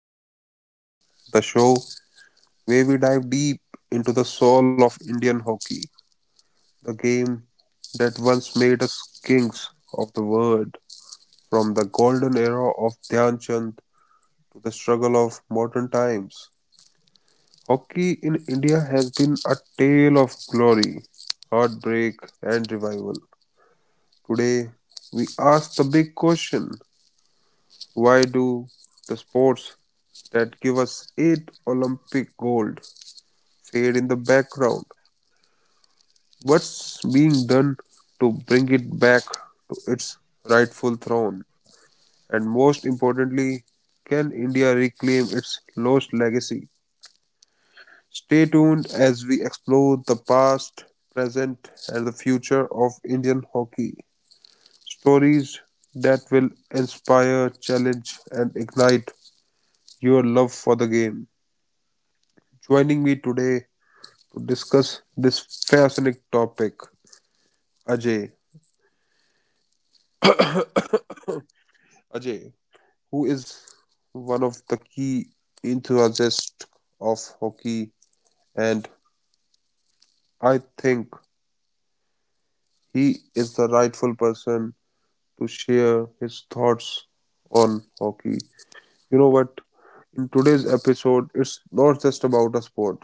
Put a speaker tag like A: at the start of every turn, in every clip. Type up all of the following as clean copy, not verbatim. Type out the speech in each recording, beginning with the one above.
A: Dreams, the show where we dive deep into the soul of Indian hockey, the game that once made us kings of the world, from the golden era of Dhyan Chand to the struggle of modern times. Hockey in India has been a tale of glory, heartbreak, and revival. Today, we ask the big question: why do the sports that give us eight Olympic gold fade in the background? What's being done to bring it back to its rightful throne? And most importantly, can India reclaim its lost legacy? Stay tuned as we explore the past, present, and the future of Indian hockey. Stories that will inspire, challenge, and ignite your love for the game. Joining me today to discuss this fascinating topic, Ajay. Ajay, who is one of the key enthusiasts of hockey, and I think he is the rightful person to share his thoughts on hockey. You know what? In today's episode, it's not just about a sport,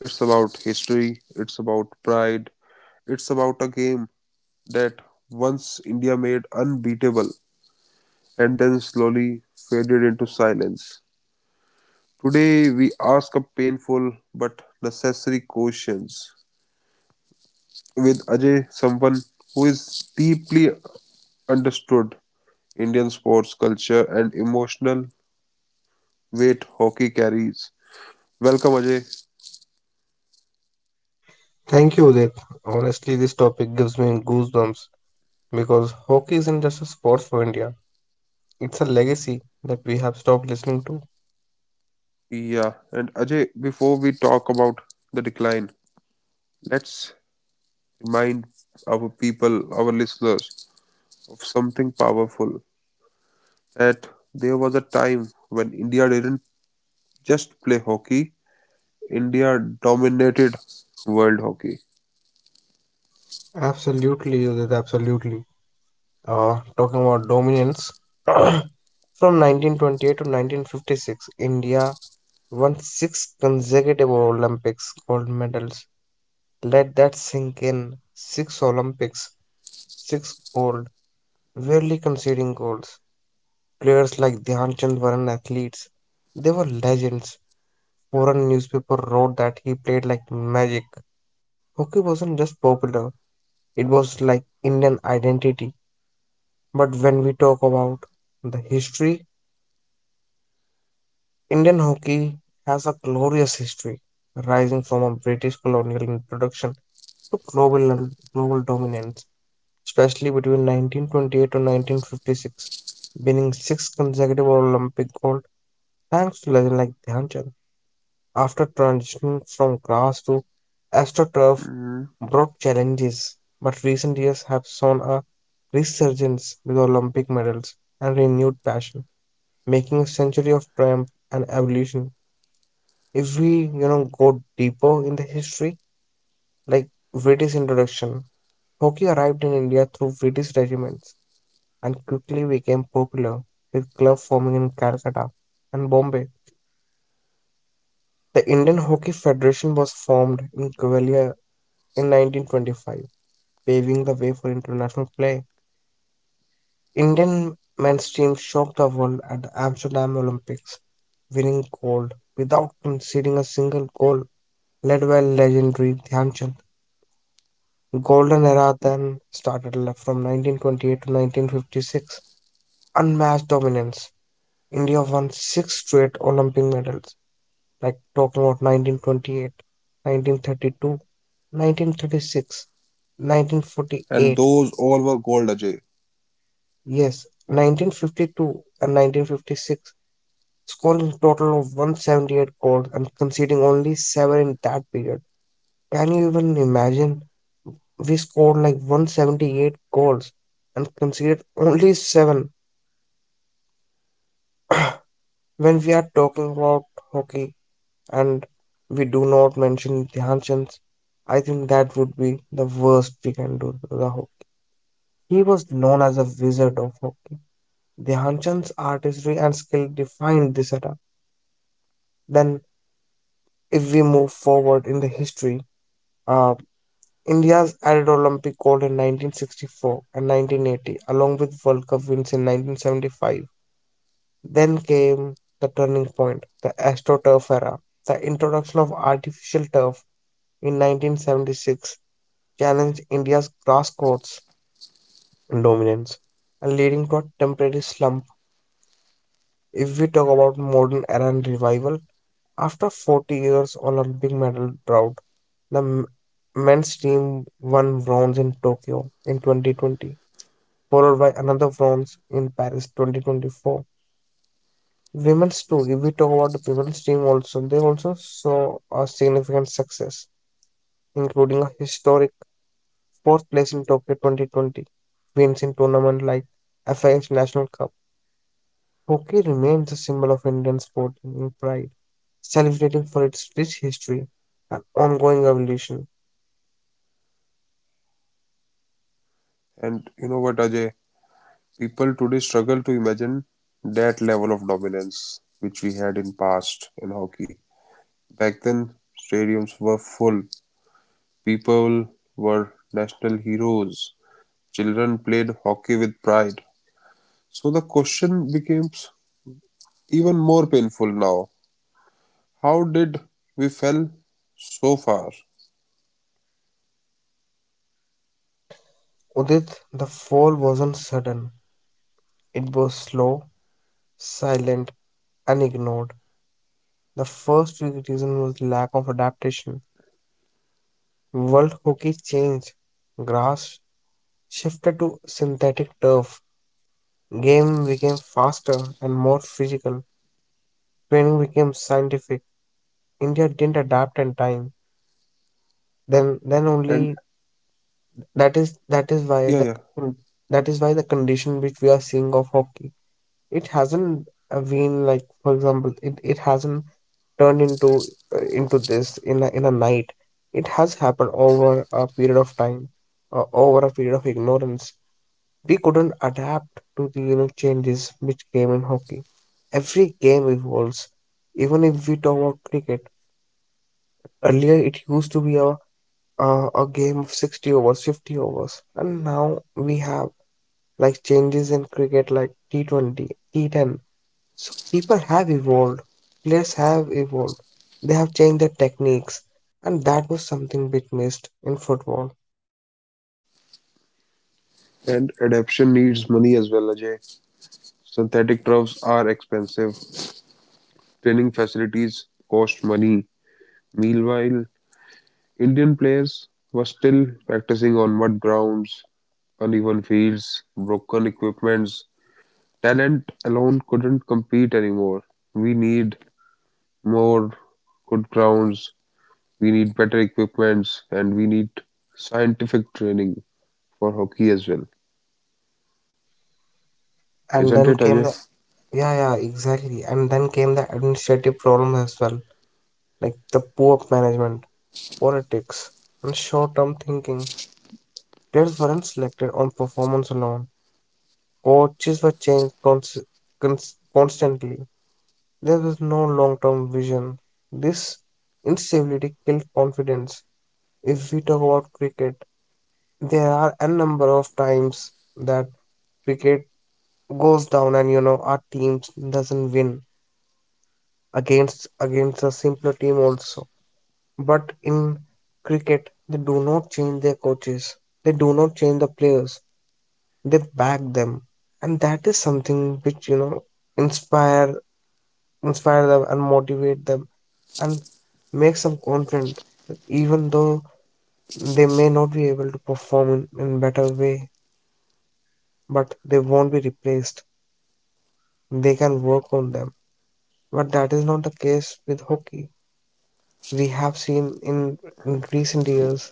A: it's about history, it's about pride, it's about a game that once India made unbeatable and then slowly faded into silence. Today, we ask a painful but necessary questions with Ajay, someone who is deeply understood Indian sports culture and emotional weight hockey carries. Welcome, Ajay.
B: Thank you, Udit. Honestly, this topic gives me goosebumps because hockey isn't just a sport for India, it's a legacy that we have stopped listening to.
A: Yeah, and Ajay, before we talk about the decline, let's remind our people, our listeners, of something powerful that there was a time when India didn't just play hockey, India dominated world hockey.
B: Absolutely, Udit, absolutely. Talking about dominance, from 1928 to 1956, India won six consecutive Olympics gold medals. Let that sink in. Six Olympics, six gold, rarely conceding goals. Players like Dhyan Chand weren't athletes, they were legends. Foreign newspaper wrote that he played like magic. Hockey wasn't just popular, it was like Indian identity. But when we talk about the history, Indian hockey has a glorious history, rising from a British colonial introduction to global dominance, especially between 1928 and 1956, winning six consecutive Olympic gold thanks to legends like Dhyan Chand. After transitioning from grass to astroturf
A: Mhm.
B: brought challenges, but recent years have shown a resurgence with Olympic medals and renewed passion, making a century of triumph and evolution. If we go deeper in the history, like Viti's introduction, hockey arrived in India through Viti's regiments and quickly became popular, with clubs forming in Calcutta and Bombay. The Indian Hockey Federation was formed in Gwalior in 1925, paving the way for international play. Indian men's team shocked the world at the Amsterdam Olympics, winning gold without conceding a single goal, led by legendary Dhyanchand. Golden era then started from 1928 to 1956. Unmatched dominance. India won six straight Olympic medals, like talking about 1928, 1932, 1936, nineteen forty
A: And
B: eight.
A: those all were called, Ajay.
B: Yes, 1952 and 1956, scoring a total of 178 goals and conceding only 7 in that period. Can you even imagine? We scored like 178 goals and conceded only 7 when we are talking about hockey and we do not mention Dhyan Chand. I think that would be the worst we can do to the hockey. He was known as a wizard of hockey. Dhyan Chand's artistry and skill defined this era. Then, if we move forward in the history, uh, India's added Olympic gold in 1964 and 1980, along with World Cup wins in 1975. Then came the turning point, the AstroTurf era. The introduction of artificial turf in 1976 challenged India's grass courts dominance and leading to a temporary slump. If we talk about modern era and revival, after 40 years Olympic medal drought, the men's team won bronze in Tokyo in 2020, followed by another bronze in Paris 2024. Women's too, if we talk about the women's team also, they also saw a significant success, including a historic fourth place in Tokyo 2020, wins in tournament like FIH National Cup. Hockey remains a symbol of Indian sport in pride, celebrating for its rich history and ongoing evolution.
A: And you know what, Ajay? People today struggle to imagine that level of dominance which we had in past in hockey. Back then, stadiums were full. People were national heroes. Children played hockey with pride. So the question becomes even more painful now. How did we fell so far?
B: Udit, the fall wasn't sudden. It was slow, silent, and ignored. The first big reason was lack of adaptation. World hockey changed. Grass shifted to synthetic turf. Game became faster and more physical. Training became scientific. India didn't adapt in time. Then
A: And
B: only that is why
A: yeah,
B: the
A: yeah.
B: that is why the condition which we are seeing of hockey, it hasn't been, like, for example, it hasn't turn into this in a night. It has happened over a period of time, over a period of ignorance. We couldn't adapt to the changes which came in hockey. Every game evolves, even if we talk about cricket. Earlier it used to be a, a game of 60 overs, 50 overs, and now we have like changes in cricket like T20, T10. So people have evolved, players have evolved, they have changed their techniques, and that was something bit missed in football.
A: And adaptation needs money as well, Ajay. Synthetic turfs are expensive, training facilities cost money. Meanwhile, Indian players were still practicing on mud grounds, uneven fields, broken equipments. Talent alone couldn't compete anymore. We need more good grounds, we need better equipments, and we need scientific training for hockey as well.
B: And
A: Isn't it,
B: then came the
A: Ajay?
B: yeah, yeah, exactly. And then came the administrative problem as well, like the poor management, politics, and short-term thinking. Players weren't selected on performance alone. Coaches were changed constantly. There was no long-term vision. This instability killed confidence. If we talk about cricket, there are a number of times that cricket goes down, and our team doesn't win against a simpler team also. But in cricket, they do not change their coaches. They do not change the players. They back them. And that is something which inspire inspire them and motivate them, and makes them confident, even though they may not be able to perform in better way, but they won't be replaced, they can work on them. But that is not the case with hockey. We have seen in recent years,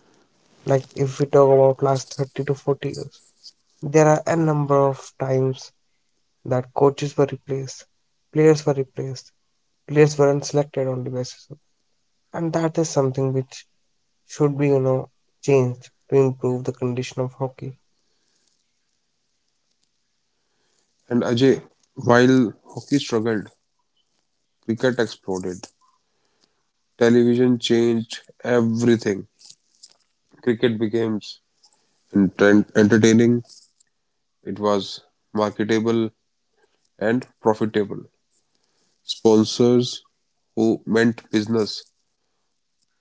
B: like if we talk about last 30 to 40 years, there are a number of times that coaches were replaced, players were replaced, players were unselected on the basis of, and that is something which should be changed to improve the condition of hockey.
A: And Ajay, while hockey struggled, cricket exploded. Television changed everything. Cricket became entertaining, it was marketable and profitable. Sponsors who meant business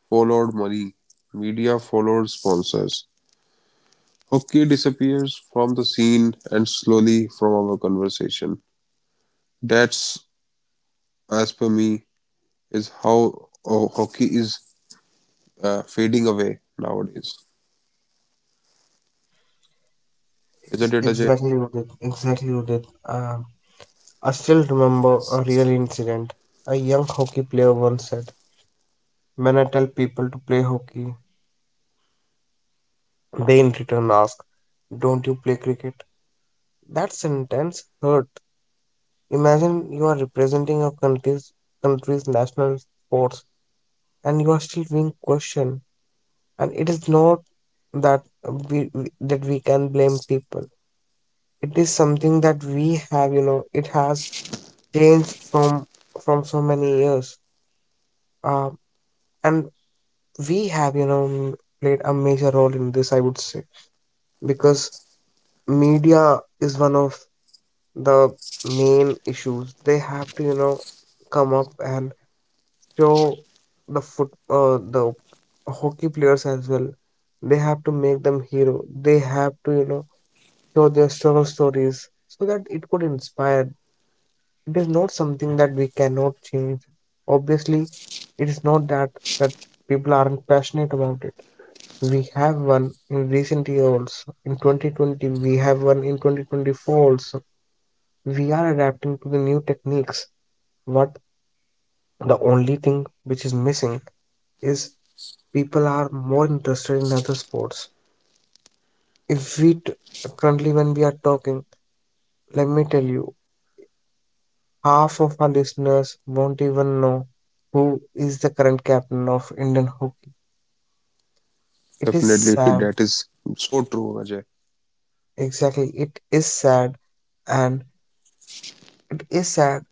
A: followed money, media followed sponsors. Hockey disappears from the scene and slowly from our conversation. That's, as per me, is how hockey is fading away nowadays. Isn't
B: Ex-
A: it, Ajay?
B: Exactly, Udit. Exactly, Udit. I still remember a real incident. A young hockey player once said, "When I tell people to play hockey," they in return ask, "Don't you play cricket?" That sentence hurt. Imagine you are representing your country's national sports and you are still being questioned. And it is not that we can blame people. It is something that we have, you know, it has changed from so many years. Um, and we have, played a major role in this, I would say, because media is one of the main issues. They have to, come up and show the hockey players as well. They have to make them hero. They have to, show their struggle stories so that it could inspire. It is not something that we cannot change. Obviously, it is not that people aren't passionate about it. We have one in recent years. In 2020, we have one in 2024 also. We are adapting to the new techniques, but the only thing which is missing is people are more interested in other sports. If we t- Currently, when we are talking, let me tell you, half of our listeners won't even know who is the current captain of Indian hockey. It is
A: Definitely,
B: sad.
A: that is so true, Ajay.
B: Exactly, it is sad, and it is sad,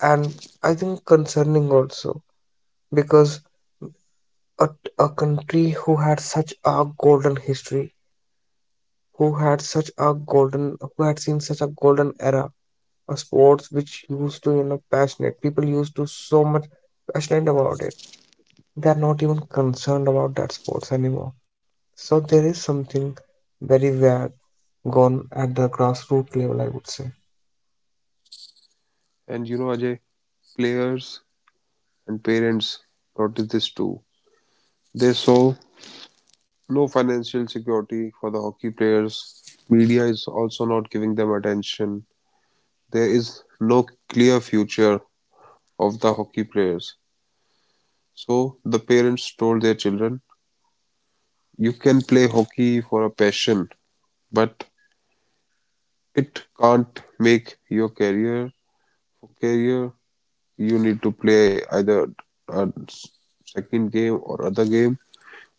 B: and I think concerning also, because a, a country who had such a golden history, who had seen such a golden era, a sports which used to passionate people, used to so much passionate about it, they're not even concerned about that sports anymore. So there is something very bad gone at the grassroots level, I would say.
A: And you know, Ajay, players and parents notice this too. They saw no financial security for the hockey players. Media is also not giving them attention. There is no clear future of the hockey players. So the parents told their children, you can play hockey for a passion, but it can't make your career. For career, you need to play either a s- second game or other game,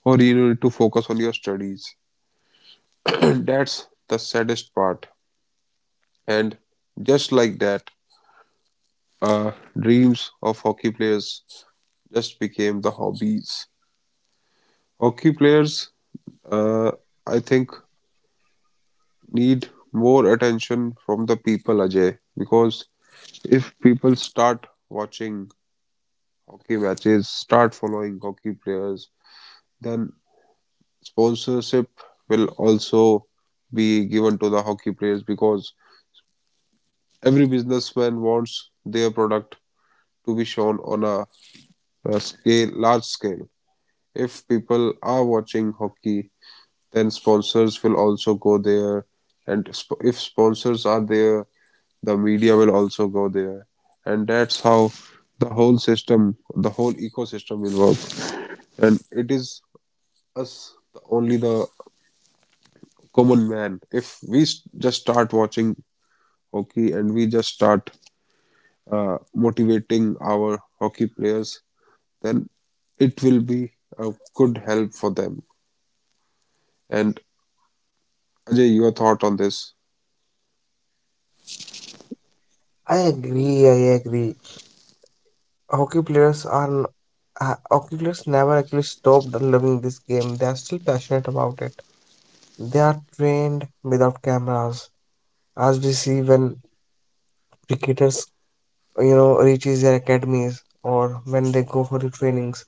A: or you need to focus on your studies. That's the saddest part, and just like that, uh, dreams of hockey players just became the hobbies. Hockey players, uh, I think, need more attention from the people, Ajay, because if people start watching hockey matches, start following hockey players, then sponsorship will also be given to the hockey players, because every businessman wants their product to be shown on a scale, large scale. If people are watching hockey, then sponsors will also go there, and if sponsors are there, the media will also go there, and that's how the whole system, the whole ecosystem will work. And it is us, only the common man. If we just start watching hockey and we just start motivating our hockey players, then it will be a good help for them. And Ajay, your thought on this?
B: I agree, I agree. Hockey players never actually stopped loving this game. They are still passionate about it. They are trained without cameras, as we see when cricketers reaches their academies or when they go for the trainings.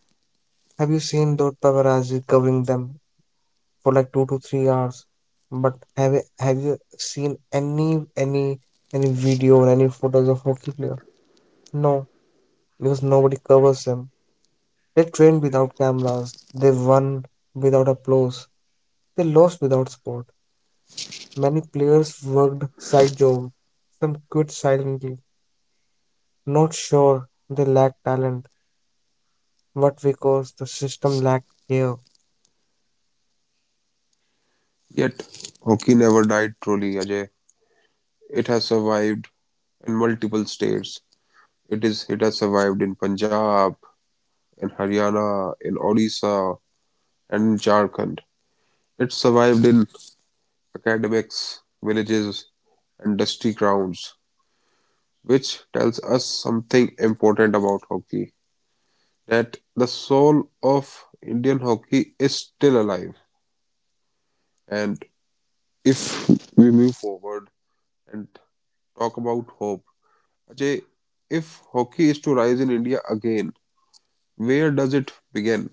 B: Have you seen those paparazzi covering them for like 2 to 3 hours? But have you seen any video or any photos of hockey player? No, because nobody covers them. They trained without cameras. They won without applause. They lost without support. Many players worked side jobs. Some quit silently. Not sure they lack talent, but because the system lacked care.
A: Yet, hockey never died truly, Ajay. It has survived in multiple states. It has survived in Punjab, in Haryana, in Odisha, and in Jharkhand. It survived in academics, villages, and dusty grounds, which tells us something important about hockey: that the soul of Indian hockey is still alive. And if we move forward and talk about hope, Ajay, if hockey is to rise in India again, where does it begin?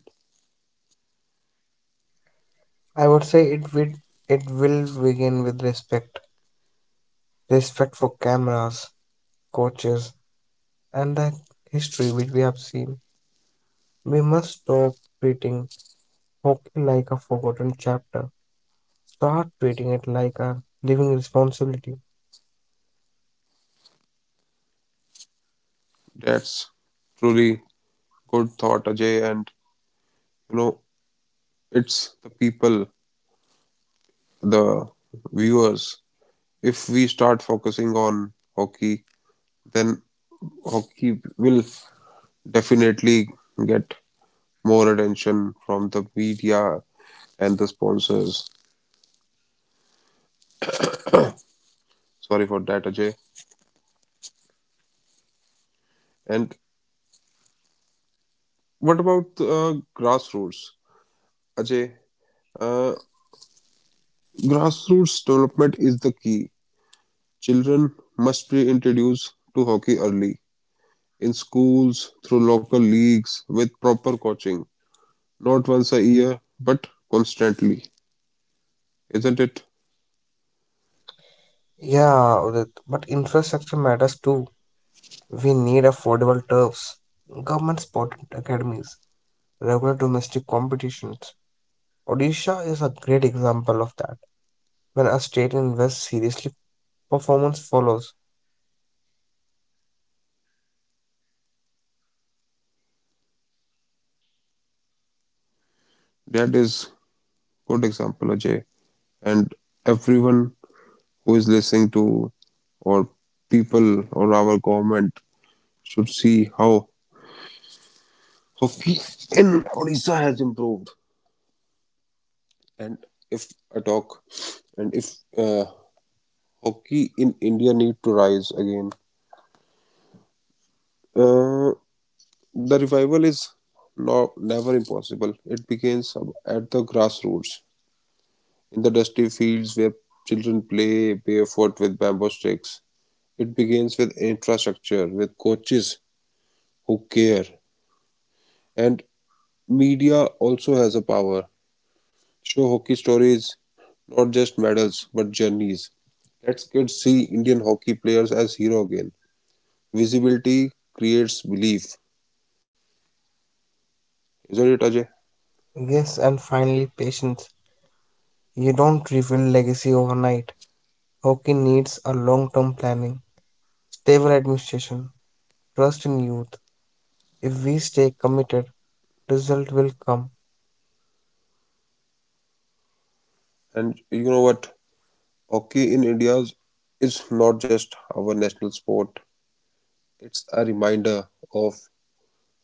B: I would say it will begin with respect — respect for cameras, coaches, and the history which we have seen. We must stop treating hockey like a forgotten chapter. Start treating it like a living responsibility.
A: That's truly good thought, Ajay. And you know, it's the people, the viewers. If we start focusing on hockey, then hockey will definitely get more attention from the media and the sponsors. Sorry for that, Ajay. And what about grassroots? Ajay, uh, grassroots development is the key. Children must be introduced to hockey early in schools through local leagues with proper coaching, not once a year but constantly. Isn't it?
B: Yeah, Udit, but infrastructure matters too. We need affordable turfs, government-supported academies, regular domestic competitions. Odisha is a great example of that. When a state invests seriously, performance follows.
A: That is good example, Ajay. And everyone who is listening to, or people, or our government should see how hockey in Odisha has improved, and if I talk, and if uh, hockey in India need to rise again, uh, the revival is not never impossible. It begins at the grassroots, in the dusty fields where children play barefoot with bamboo sticks. It begins with infrastructure, with coaches who care, and media also has a power. Show hockey stories. Not just medals, but journeys. Let us kids see Indian hockey players as hero again. Visibility creates belief, isn't it, Ajay?
B: Yes, and finally, patience. You don't rebuild legacy overnight. Hockey needs a long-term planning, stable administration, trust in youth. If we stay committed, result will come.
A: And you know what? Hockey in India is not just our national sport. It's a reminder of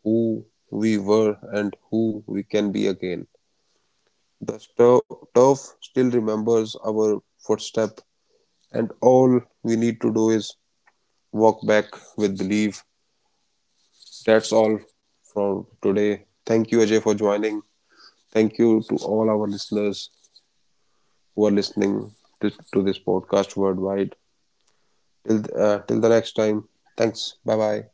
A: who we were and who we can be again. The turf still remembers our footstep, and all we need to do is walk back with belief. That's all for today. Thank you, Ajay, for joining. Thank you to all our listeners who are listening to this podcast worldwide. Till, till the next time. Thanks. Bye bye.